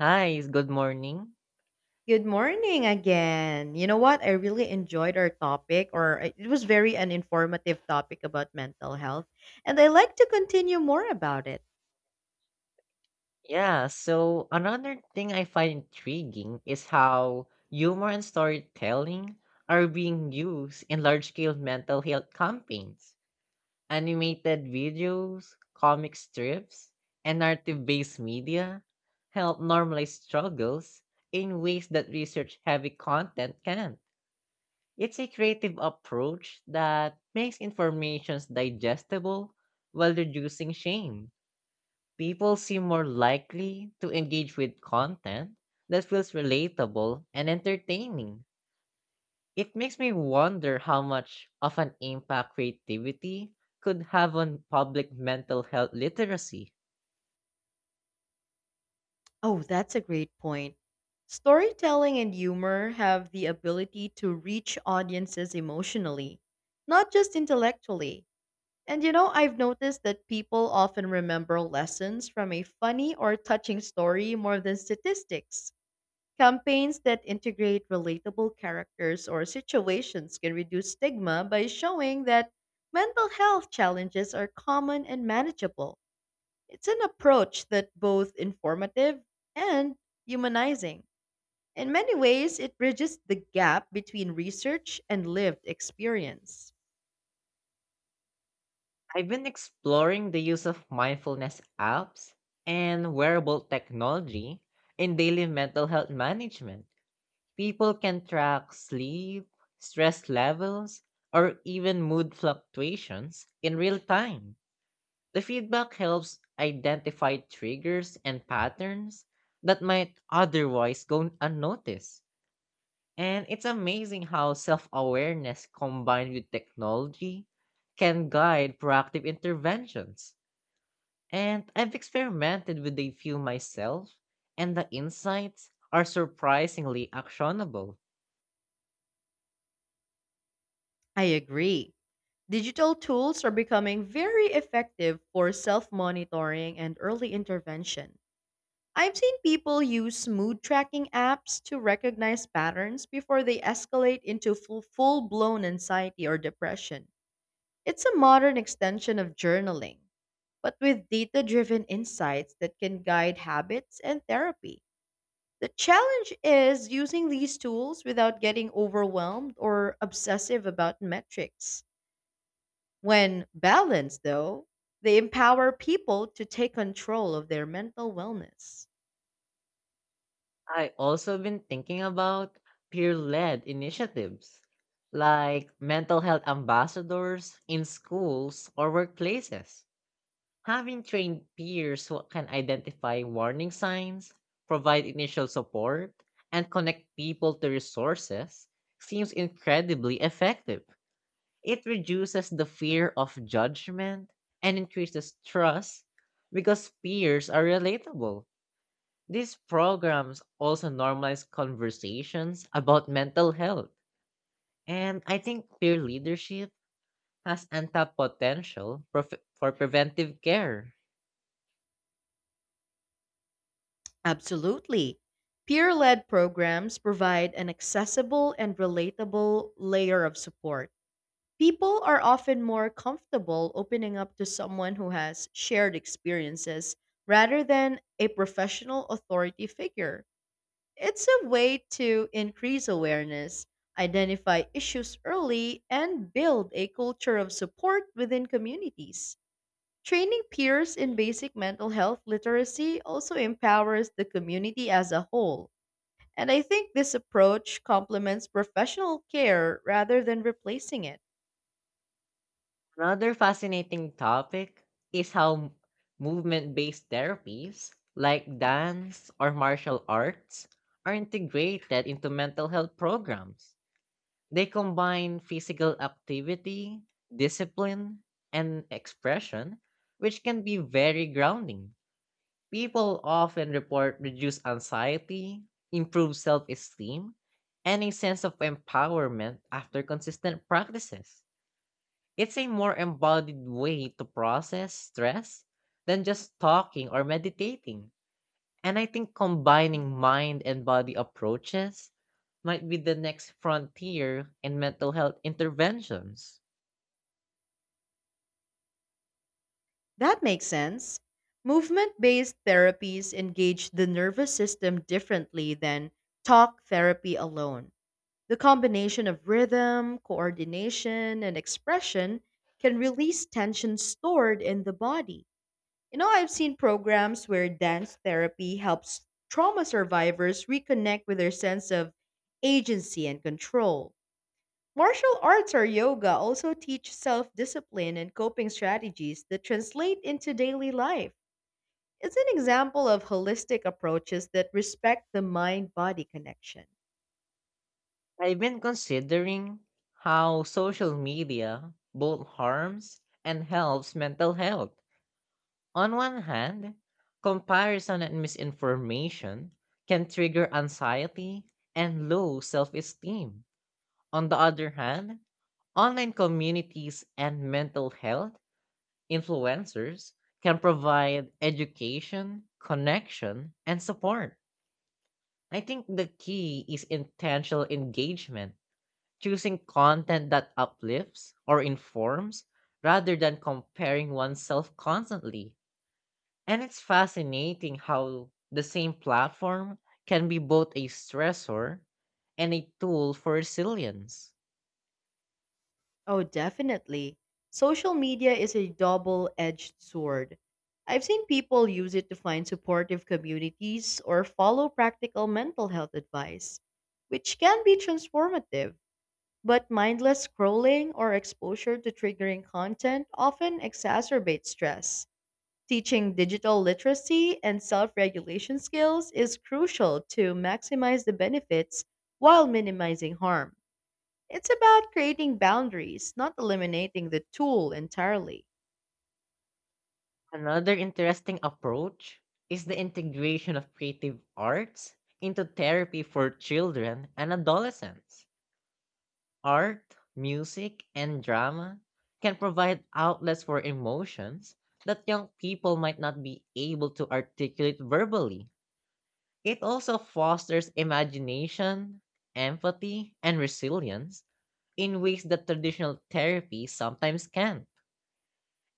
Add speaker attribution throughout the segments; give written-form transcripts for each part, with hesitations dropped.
Speaker 1: Hi, good morning.
Speaker 2: Good morning again. You know what? I really enjoyed our topic, or it was very an informative topic about mental health, and I like to continue more about it.
Speaker 1: Yeah, so another thing I find intriguing is how humor and storytelling are being used in large scale mental health campaigns, animated videos, comic strips, and narrative based media help normalize struggles in ways that research heavy content can't. It's a creative approach that makes information digestible while reducing shame. People seem more likely to engage with content that feels relatable and entertaining. It makes me wonder how much of an impact creativity could have on public mental health literacy.
Speaker 2: Oh, that's a great point. Storytelling and humor have the ability to reach audiences emotionally, not just intellectually. And you know, I've noticed that people often remember lessons from a funny or touching story more than statistics. Campaigns that integrate relatable characters or situations can reduce stigma by showing that mental health challenges are common and manageable. It's an approach that both informative and humanizing. In many ways, it bridges the gap between research and lived experience.
Speaker 1: I've been exploring the use of mindfulness apps and wearable technology in daily mental health management. People can track sleep, stress levels, or even mood fluctuations in real time. The feedback helps identify triggers and patterns that might otherwise go unnoticed. And it's amazing how self awareness combined with technology can guide proactive interventions. And I've experimented with a few myself, and the insights are surprisingly actionable.
Speaker 2: I agree. Digital tools are becoming very effective for self monitoring and early intervention. I've seen people use mood tracking apps to recognize patterns before they escalate into full blown anxiety or depression. It's a modern extension of journaling, but with data driven insights that can guide habits and therapy. The challenge is using these tools without getting overwhelmed or obsessive about metrics. When balanced, though, they empower people to take control of their mental wellness.
Speaker 1: I also been thinking about peer-led initiatives like mental health ambassadors in schools or workplaces. Having trained peers who can identify warning signs, provide initial support, and connect people to resources seems incredibly effective. It reduces the fear of judgment and increases trust because peers are relatable. These programs also normalize conversations about mental health. And I think peer leadership has untapped potential for preventive care.
Speaker 2: Absolutely. Peer led programs provide an accessible and relatable layer of support. People are often more comfortable opening up to someone who has shared experiences rather than a professional authority figure. It's a way to increase awareness, identify issues early, and build a culture of support within communities. Training peers in basic mental health literacy also empowers the community as a whole. And I think this approach complements professional care rather than replacing it.
Speaker 1: Another fascinating topic is how movement based therapies like dance or martial arts are integrated into mental health programs. They combine physical activity, discipline, and expression, which can be very grounding. People often report reduced anxiety, improved self esteem, and a sense of empowerment after consistent practices. It's a more embodied way to process stress than just talking or meditating. And I think combining mind and body approaches might be the next frontier in mental health interventions.
Speaker 2: That makes sense. Movement based therapies engage the nervous system differently than talk therapy alone. The combination of rhythm, coordination, and expression can release tension stored in the body. You know, I've seen programs where dance therapy helps trauma survivors reconnect with their sense of agency and control. Martial arts or yoga also teach self discipline and coping strategies that translate into daily life. It's an example of holistic approaches that respect the mind body connection.
Speaker 1: I've been considering how social media both harms and helps mental health. On one hand, comparison and misinformation can trigger anxiety and low self esteem. On the other hand, online communities and mental health influencers can provide education, connection, and support. I think the key is intentional engagement, choosing content that uplifts or informs rather than comparing oneself constantly. And it's fascinating how the same platform can be both a stressor and a tool for resilience.
Speaker 2: Oh, definitely. Social media is a double edged sword. I've seen people use it to find supportive communities or follow practical mental health advice, which can be transformative. But mindless scrolling or exposure to triggering content often exacerbates stress. Teaching digital literacy and self regulation skills is crucial to maximize the benefits while minimizing harm. It's about creating boundaries, not eliminating the tool entirely.
Speaker 1: Another interesting approach is the integration of creative arts into therapy for children and adolescents. Art, music, and drama can provide outlets for emotions that young people might not be able to articulate verbally. It also fosters imagination, empathy, and resilience in ways that traditional therapy sometimes can't.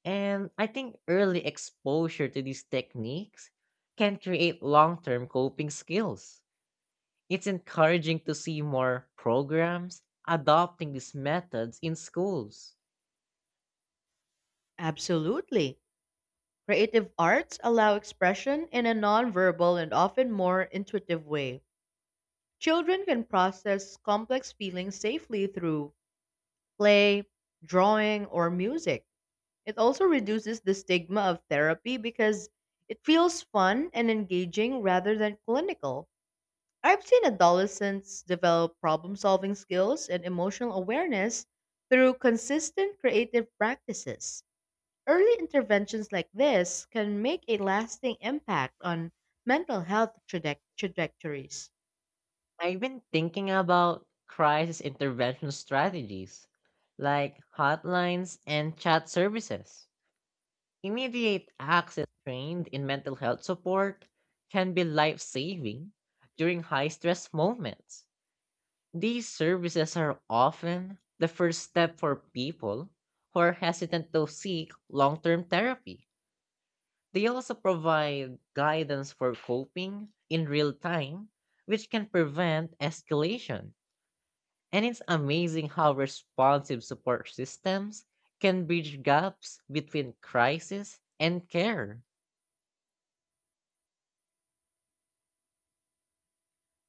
Speaker 1: And I think early exposure to these techniques can create long term coping skills. It's encouraging to see more programs adopting these methods in schools.
Speaker 2: Absolutely. Creative arts allow expression in a nonverbal and often more intuitive way. Children can process complex feelings safely through play, drawing, or music. It also reduces the stigma of therapy because it feels fun and engaging rather than clinical. I've seen adolescents develop problem solving skills and emotional awareness through consistent creative practices. Early interventions like this can make a lasting impact on mental health trajectories.
Speaker 1: I've been thinking about crisis intervention strategies like hotlines and chat services. Immediate access trained in mental health support can be life saving during high stress moments. These services are often the first step for people who are hesitant to seek long term therapy. They also provide guidance for coping in real time, which can prevent escalation. And it's amazing how responsive support systems can bridge gaps between crisis and care.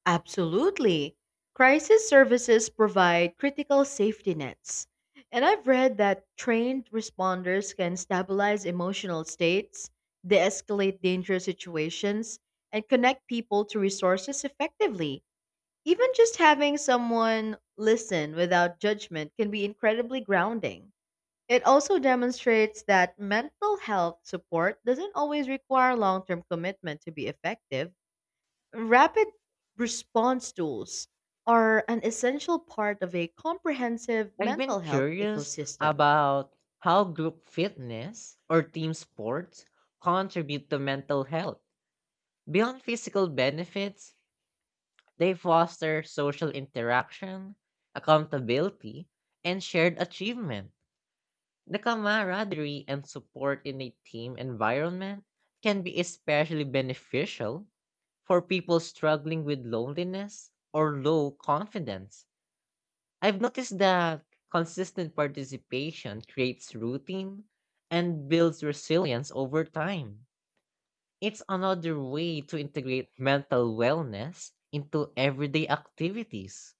Speaker 2: Absolutely. Crisis services provide critical safety nets. And I've read that trained responders can stabilize emotional states, de escalate dangerous situations, and connect people to resources effectively. Even just having someone listen without judgment can be incredibly grounding. It also demonstrates that mental health support doesn't always require long term commitment to be effective. Rapid response tools are an essential part of a comprehensive
Speaker 1: I've been
Speaker 2: mental health
Speaker 1: curious
Speaker 2: ecosystem.
Speaker 1: about how group fitness or team sports contribute to mental health. Beyond physical benefits, they foster social interaction, accountability, and shared achievement. The camaraderie and support in a team environment can be especially beneficial for people struggling with loneliness or low confidence. I've noticed that consistent participation creates routine and builds resilience over time. It's another way to integrate mental wellness into everyday activities.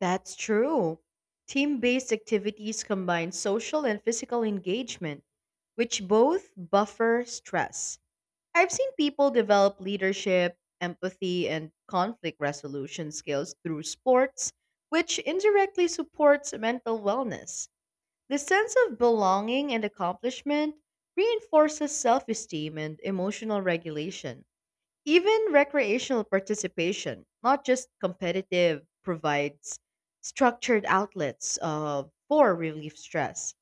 Speaker 2: That's true. Team based activities combine social and physical engagement, which both buffer stress. I've seen people develop leadership, empathy, and conflict resolution skills through sports, which indirectly supports mental wellness. The sense of belonging and accomplishment reinforces self esteem and emotional regulation. Even recreational participation, not just competitive, provides structured outlets for relief stress.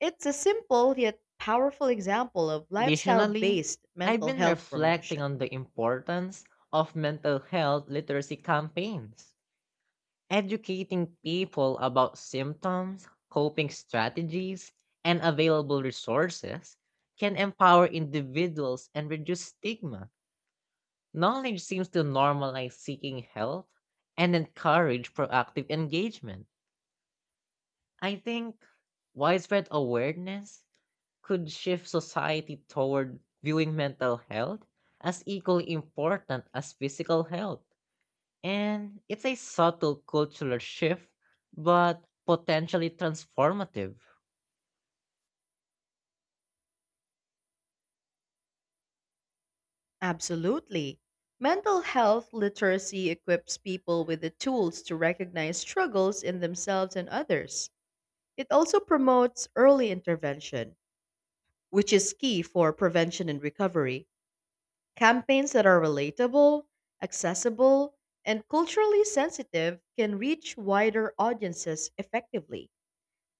Speaker 2: It's a simple yet powerful example of lifestyle
Speaker 1: Additionally,
Speaker 2: based
Speaker 1: I've
Speaker 2: mental
Speaker 1: been
Speaker 2: health
Speaker 1: reflecting
Speaker 2: promotion.
Speaker 1: on the importance of mental health literacy campaigns, educating people about symptoms, coping strategies, and available resources can empower individuals and reduce stigma. Knowledge seems to normalize seeking help and encourage proactive engagement. I think widespread awareness could shift society toward viewing mental health as equally important as physical health. And it's a subtle cultural shift, but potentially transformative.
Speaker 2: Absolutely. Mental health literacy equips people with the tools to recognize struggles in themselves and others. It also promotes early intervention, which is key for prevention and recovery. Campaigns that are relatable, accessible, and culturally sensitive can reach wider audiences effectively.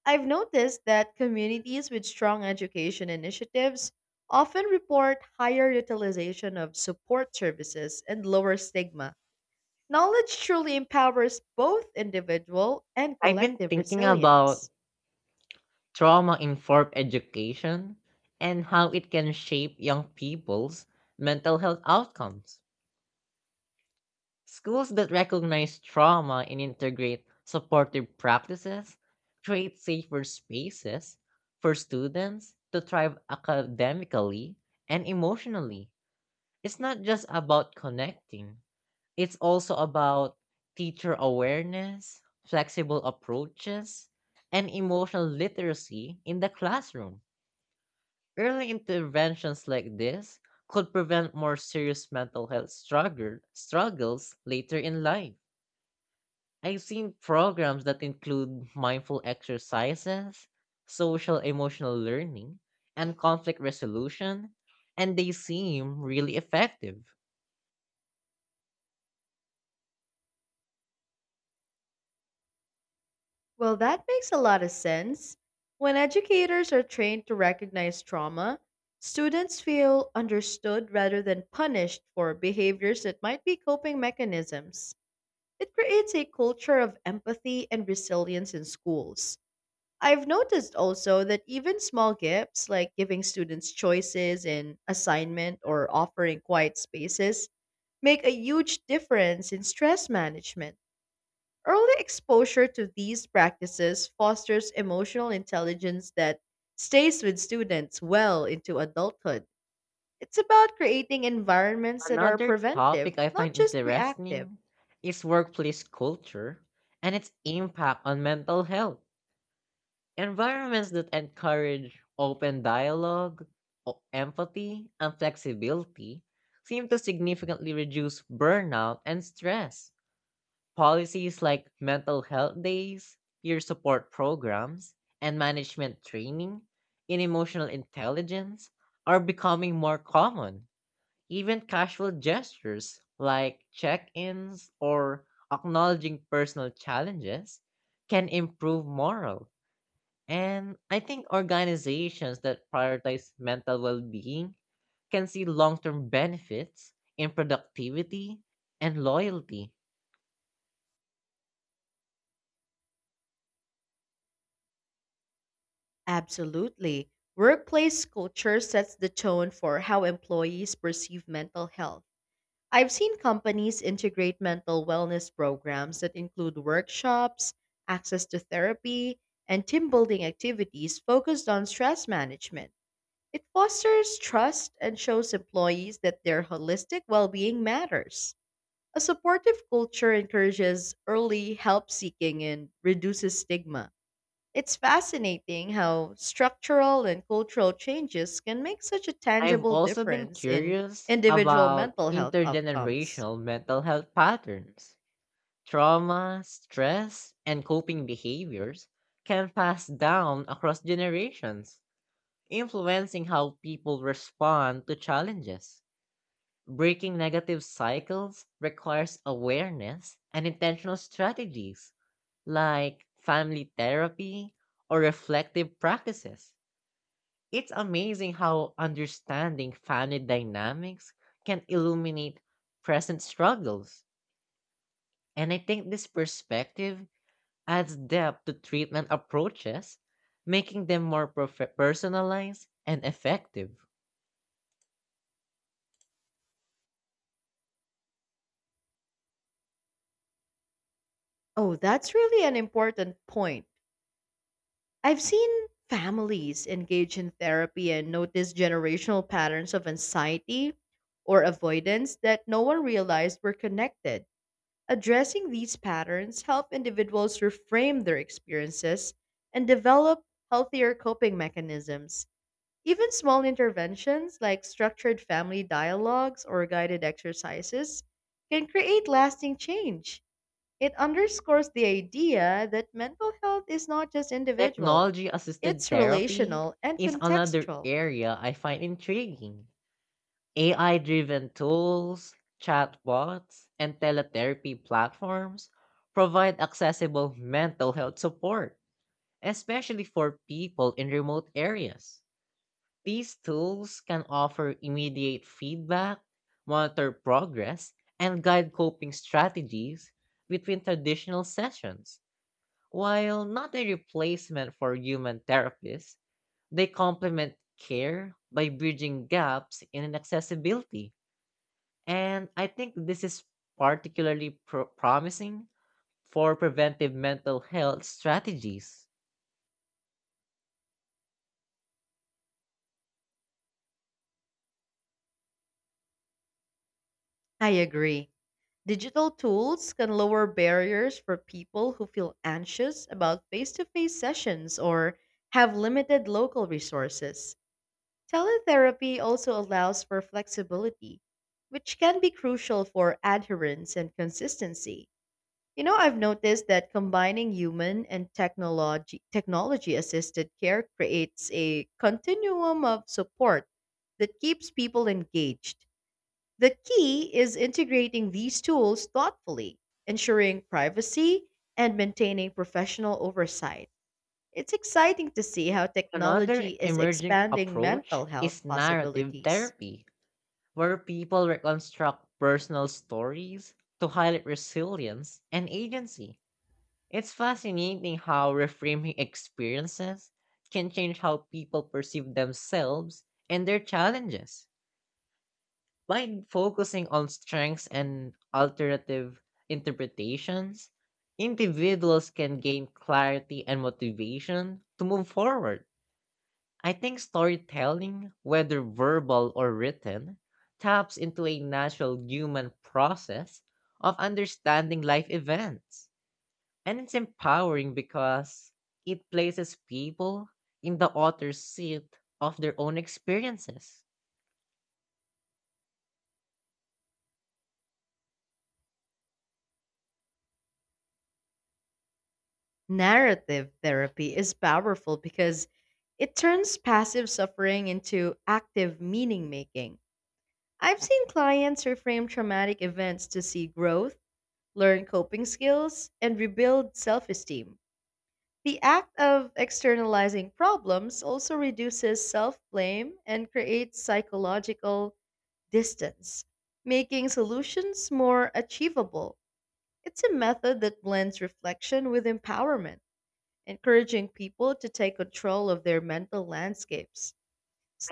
Speaker 2: I've noticed that communities with strong education initiatives often report higher utilization of support services and lower stigma. Knowledge truly empowers both individual and
Speaker 1: I've been
Speaker 2: collective
Speaker 1: thinking about
Speaker 2: resilience.
Speaker 1: trauma informed education and how it can shape young people's mental health outcomes. Schools that recognize trauma and integrate supportive practices create safer spaces for students to thrive academically and emotionally. It's not just about connecting, it's also about teacher awareness, flexible approaches, and emotional literacy in the classroom. Early interventions like this could prevent more serious mental health struggles later in life. I've seen programs that include mindful exercises, social emotional learning, and conflict resolution, and they seem really effective.
Speaker 2: Well, that makes a lot of sense. When educators are trained to recognize trauma, students feel understood rather than punished for behaviors that might be coping mechanisms. It creates a culture of empathy and resilience in schools. I've noticed also that even small gifts, like giving students choices in assignment or offering quiet spaces, make a huge difference in stress management. Early exposure to these practices fosters emotional intelligence that stays with students well into adulthood. It's about creating environments that are
Speaker 1: Another
Speaker 2: preventive,
Speaker 1: topic I
Speaker 2: not
Speaker 1: find
Speaker 2: just reactive.
Speaker 1: interesting is workplace culture and its impact on mental health. Environments that encourage open dialogue, empathy, and flexibility seem to significantly reduce burnout and stress. Policies like mental health days, peer support programs, and management training in emotional intelligence are becoming more common. Even casual gestures like check ins or acknowledging personal challenges can improve morale. And I think organizations that prioritize mental well being can see long term benefits in productivity and loyalty.
Speaker 2: Absolutely. Workplace culture sets the tone for how employees perceive mental health. I've seen companies integrate mental wellness programs that include workshops, access to therapy, and team building activities focused on stress management. It fosters trust and shows employees that their holistic well being matters. A supportive culture encourages early help seeking and reduces stigma. It's fascinating how structural and cultural changes can make such a
Speaker 1: I've
Speaker 2: tangible
Speaker 1: also been
Speaker 2: difference in
Speaker 1: curious
Speaker 2: individual
Speaker 1: about
Speaker 2: mental health outcomes.
Speaker 1: intergenerational mental health patterns. Trauma, stress, and coping behaviors can pass down across generations, influencing how people respond to challenges. Breaking negative cycles requires awareness and intentional strategies like family therapy or reflective practices. It's amazing how understanding family dynamics can illuminate present struggles. And I think this perspective adds depth to treatment approaches, making them more personalized and effective.
Speaker 2: Oh, that's really an important point. I've seen families engage in therapy and notice generational patterns of anxiety or avoidance that no one realized were connected. Addressing these patterns help individuals reframe their experiences and develop healthier coping mechanisms. Even small interventions like structured family dialogues or guided exercises can create lasting change. It underscores the idea that mental health is not just individual,
Speaker 1: Technology assisted
Speaker 2: it's
Speaker 1: therapy
Speaker 2: relational and
Speaker 1: is another
Speaker 2: contextual.
Speaker 1: area I find intriguing. AI driven tools, chatbots, and teletherapy platforms provide accessible mental health support especially for people in remote areas. These tools can offer immediate feedback, monitor progress, and guide coping strategies between traditional sessions. While not a replacement for human therapists, they complement care by bridging gaps in accessibility. And I think this is particularly promising for preventive mental health strategies.
Speaker 2: I agree. Digital tools can lower barriers for people who feel anxious about face to face sessions or have limited local resources. Teletherapy also allows for flexibility, which can be crucial for adherence and consistency. You know, I've noticed that combining human and technology assisted care creates a continuum of support that keeps people engaged. The key is integrating these tools thoughtfully, ensuring privacy and maintaining professional oversight. It's exciting to see how technology
Speaker 1: Another
Speaker 2: is
Speaker 1: emerging
Speaker 2: expanding mental
Speaker 1: approach
Speaker 2: health
Speaker 1: is narrative
Speaker 2: possibilities.
Speaker 1: therapy, where people reconstruct personal stories to highlight resilience and agency. It's fascinating how reframing experiences can change how people perceive themselves and their challenges. By focusing on strengths and alternative interpretations, individuals can gain clarity and motivation to move forward. I think storytelling, whether verbal or written, taps into a natural human process of understanding life events. And it's empowering because it places people in the author's seat of their own experiences.
Speaker 2: Narrative therapy is powerful because it turns passive suffering into active meaning making. I've seen clients reframe traumatic events to see growth, learn coping skills, and rebuild self esteem. The act of externalizing problems also reduces self blame and creates psychological distance, making solutions more achievable. It's a method that blends reflection with empowerment encouraging people to take control of their mental landscapes.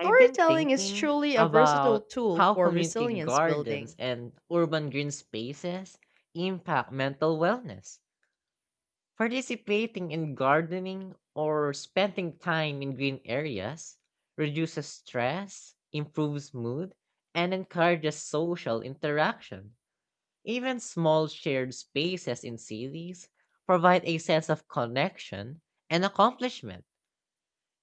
Speaker 1: I've been
Speaker 2: is
Speaker 1: thinking
Speaker 2: truly a versatile
Speaker 1: about
Speaker 2: tool
Speaker 1: how
Speaker 2: for
Speaker 1: community
Speaker 2: resilience
Speaker 1: gardens
Speaker 2: building.
Speaker 1: and urban green spaces impact mental wellness. Participating in gardening or spending time in green areas reduces stress, improves mood, and encourages social interaction. Even small shared spaces in cities provide a sense of connection and accomplishment.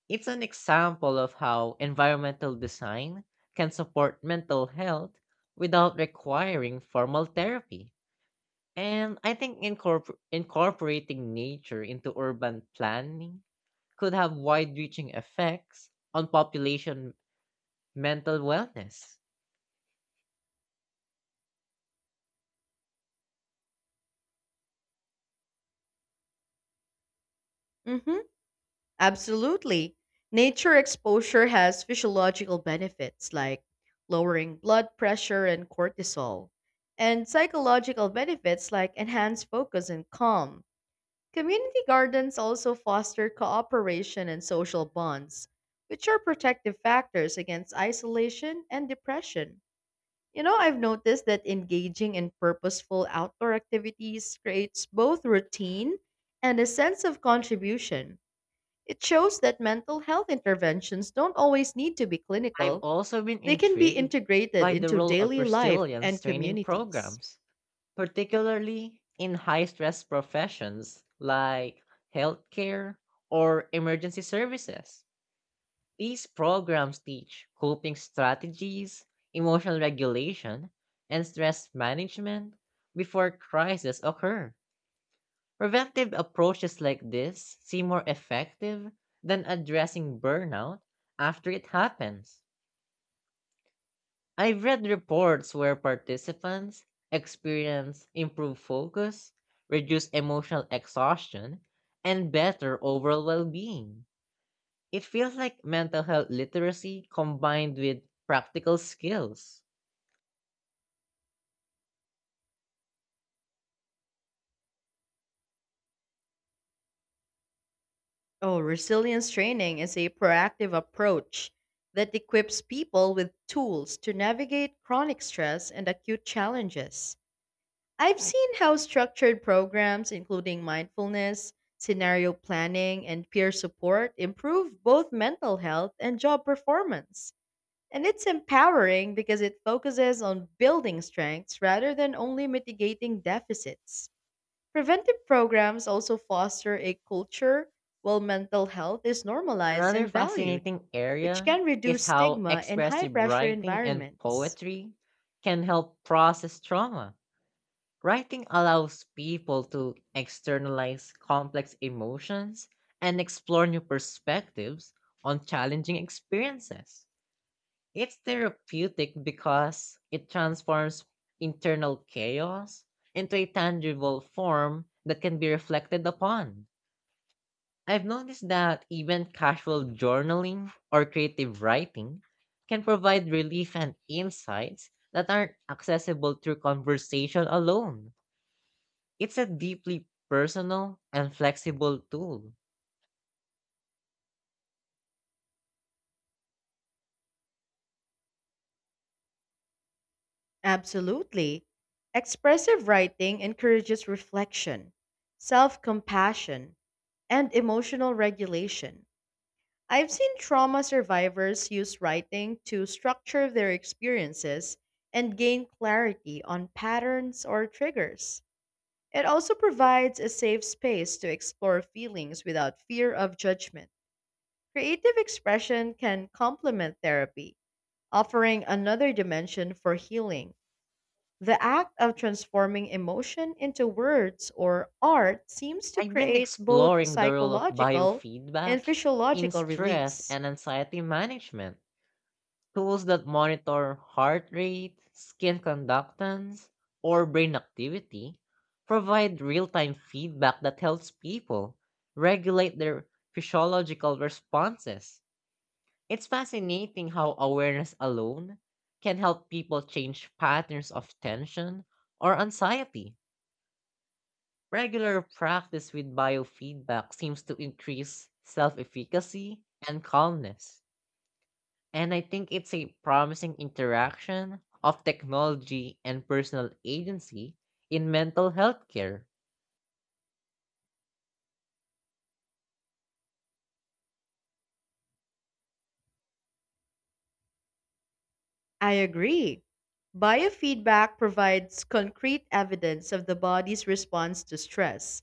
Speaker 1: It's an example of how environmental design can support mental health without requiring formal therapy. And I think incorporating nature into urban planning could have wide reaching effects on population mental wellness.
Speaker 2: hmm Absolutely. Nature exposure has physiological benefits like lowering blood pressure and cortisol, and psychological benefits like enhanced focus and calm. Community gardens also foster cooperation and social bonds, which are protective factors against isolation and depression. You know, I've noticed that engaging in purposeful outdoor activities creates both routine and a sense of contribution. It shows that mental health interventions don't always need to be
Speaker 1: I've
Speaker 2: clinical,
Speaker 1: also been
Speaker 2: they can be
Speaker 1: intrigued
Speaker 2: integrated
Speaker 1: by the
Speaker 2: into
Speaker 1: role of
Speaker 2: daily life
Speaker 1: resilience
Speaker 2: and
Speaker 1: training
Speaker 2: communities.
Speaker 1: programs, particularly in high stress professions like healthcare or emergency services. These programs teach coping strategies, emotional regulation, and stress management before crises occur. Preventive approaches like this seem more effective than addressing burnout after it happens. I've read reports where participants experience improved focus, reduced emotional exhaustion, and better overall well being. It feels like mental health literacy combined with practical skills.
Speaker 2: Oh, resilience training is a proactive approach that equips people with tools to navigate chronic stress and acute challenges. I've seen how structured programs, including mindfulness, scenario planning, and peer support, improve both mental health and job performance. And it's empowering because it focuses on building strengths rather than only mitigating deficits. Preventive programs also foster a culture where mental health is normalized
Speaker 1: Another
Speaker 2: and valued,
Speaker 1: fascinating
Speaker 2: which
Speaker 1: area
Speaker 2: can
Speaker 1: is
Speaker 2: reduce
Speaker 1: how
Speaker 2: stigma in high
Speaker 1: expressive
Speaker 2: pressure
Speaker 1: writing and
Speaker 2: environments.
Speaker 1: poetry can help process trauma. Writing allows people to externalize complex emotions and explore new perspectives on challenging experiences. It's therapeutic because it transforms internal chaos into a tangible form that can be reflected upon. I've noticed that even casual journaling or creative writing can provide relief and insights that aren't accessible through conversation alone. It's a deeply personal and flexible tool.
Speaker 2: Absolutely. Expressive writing encourages reflection, self compassion, and emotional regulation. I've seen trauma survivors use writing to structure their experiences and gain clarity on patterns or triggers. It also provides a safe space to explore feelings without fear of judgment. Creative expression can complement therapy, offering another dimension for healing. The act of transforming emotion into words or art seems to
Speaker 1: I've been
Speaker 2: create both
Speaker 1: exploring the role of
Speaker 2: psychological and
Speaker 1: biofeedback in
Speaker 2: physiological
Speaker 1: stress
Speaker 2: release.
Speaker 1: and anxiety management. Tools that monitor heart rate, skin conductance, or brain activity provide real time feedback that helps people regulate their physiological responses. It's fascinating how awareness alone can help people change patterns of tension or anxiety. Regular practice with biofeedback seems to increase self efficacy and calmness. And I think it's a promising interaction of technology and personal agency in mental health care.
Speaker 2: I agree. Biofeedback provides concrete evidence of the body's response to stress,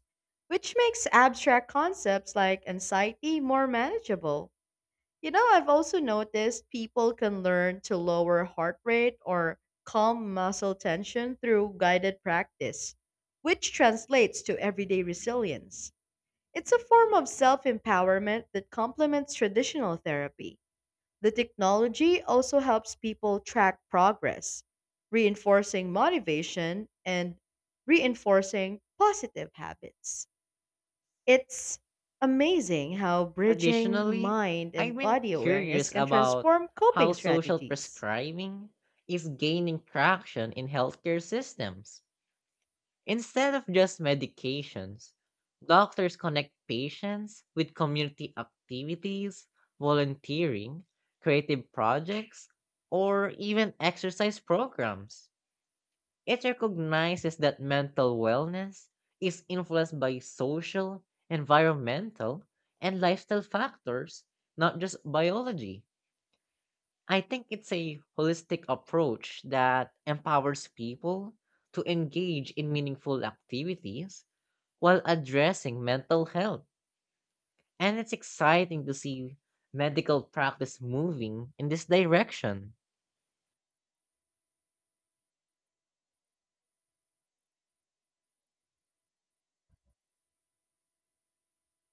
Speaker 2: which makes abstract concepts like anxiety more manageable. You know, I've also noticed people can learn to lower heart rate or calm muscle tension through guided practice, which translates to everyday resilience. It's a form of self empowerment that complements traditional therapy. The technology also helps people track progress, reinforcing motivation and reinforcing positive habits. It's amazing how bridging
Speaker 1: Additionally,
Speaker 2: mind
Speaker 1: I've
Speaker 2: and
Speaker 1: been
Speaker 2: body awareness
Speaker 1: curious
Speaker 2: can
Speaker 1: about
Speaker 2: transform
Speaker 1: how
Speaker 2: coping
Speaker 1: social
Speaker 2: strategies.
Speaker 1: prescribing is gaining traction in healthcare systems. Instead of just medications, doctors connect patients with community activities, volunteering, creative projects, or even exercise programs. It recognizes that mental wellness is influenced by social, environmental, and lifestyle factors, not just biology. I think it's a holistic approach that empowers people to engage in meaningful activities while addressing mental health. And it's exciting to see medical practice moving in this direction.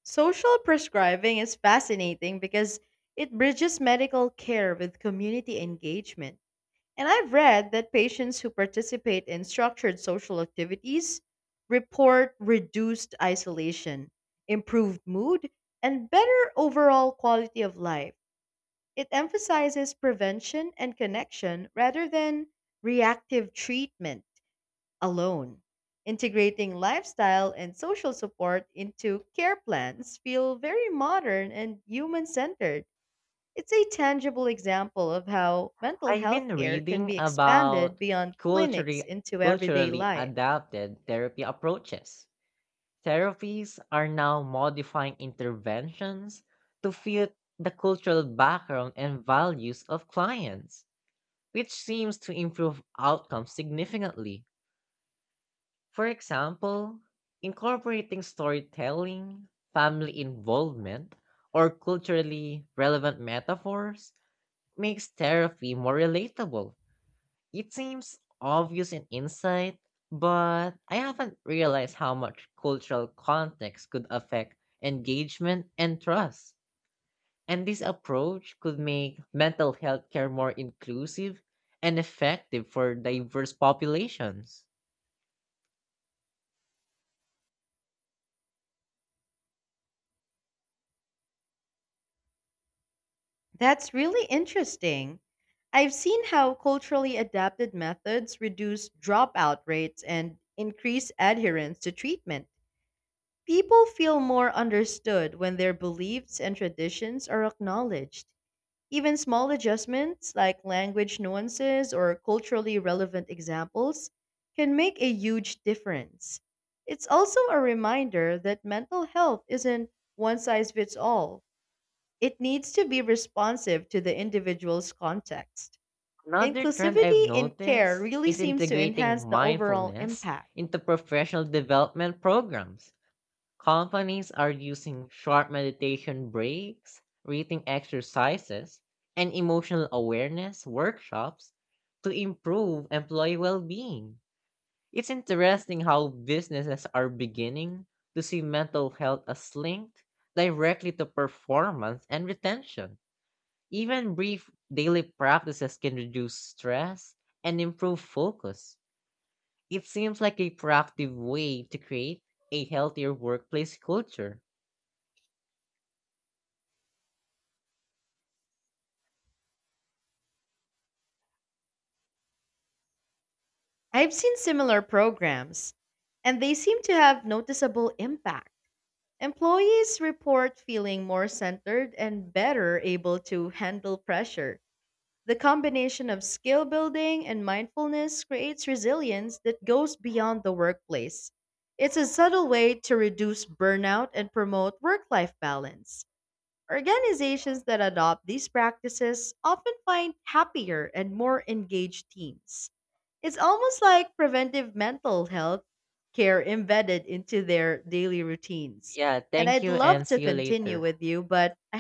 Speaker 2: Social prescribing is fascinating because it bridges medical care with community engagement. And I've read that patients who participate in structured social activities report reduced isolation, improved mood, and better overall quality of life. It emphasizes prevention and connection rather than reactive treatment alone. Integrating lifestyle and social support into care plans feel very modern and human centered. It's a tangible example of how mental
Speaker 1: I've
Speaker 2: health
Speaker 1: been
Speaker 2: care can
Speaker 1: reading
Speaker 2: be expanded
Speaker 1: about
Speaker 2: beyond clinics into everyday
Speaker 1: culturally
Speaker 2: life.
Speaker 1: adapted therapy approaches. Therapies are now modifying interventions to fit the cultural background and values of clients, which seems to improve outcomes significantly. For example, incorporating storytelling, family involvement, or culturally relevant metaphors makes therapy more relatable. It seems obvious in insight, but I haven't realized how much cultural context could affect engagement and trust. And this approach could make mental health care more inclusive and effective for diverse populations.
Speaker 2: That's really interesting. I've seen how culturally adapted methods reduce dropout rates and increase adherence to treatment. People feel more understood when their beliefs and traditions are acknowledged. Even small adjustments like language nuances or culturally relevant examples can make a huge difference. It's also a reminder that mental health isn't one size fits all. It needs to be responsive to the individual's context.
Speaker 1: Another trend I've
Speaker 2: Inclusivity in care
Speaker 1: noticed
Speaker 2: really
Speaker 1: is
Speaker 2: seems to
Speaker 1: integrating
Speaker 2: enhance the overall
Speaker 1: mindfulness
Speaker 2: impact.
Speaker 1: into professional development programs. Companies are using short meditation breaks, breathing exercises, and emotional awareness workshops to improve employee well being. It's interesting how businesses are beginning to see mental health as linked directly to performance and retention. Even brief daily practices can reduce stress and improve focus. It seems like a proactive way to create a healthier workplace culture.
Speaker 2: I've seen similar programs, and they seem to have noticeable impact. Employees report feeling more centered and better able to handle pressure. The combination of skill building and mindfulness creates resilience that goes beyond the workplace. It's a subtle way to reduce burnout and promote work life balance. Organizations that adopt these practices often find happier and more engaged teams. It's almost like preventive mental health care embedded into their daily routines.
Speaker 1: Yeah,
Speaker 2: And
Speaker 1: thank
Speaker 2: I'd
Speaker 1: you
Speaker 2: love
Speaker 1: and
Speaker 2: to
Speaker 1: see you
Speaker 2: continue
Speaker 1: later.
Speaker 2: with you, but I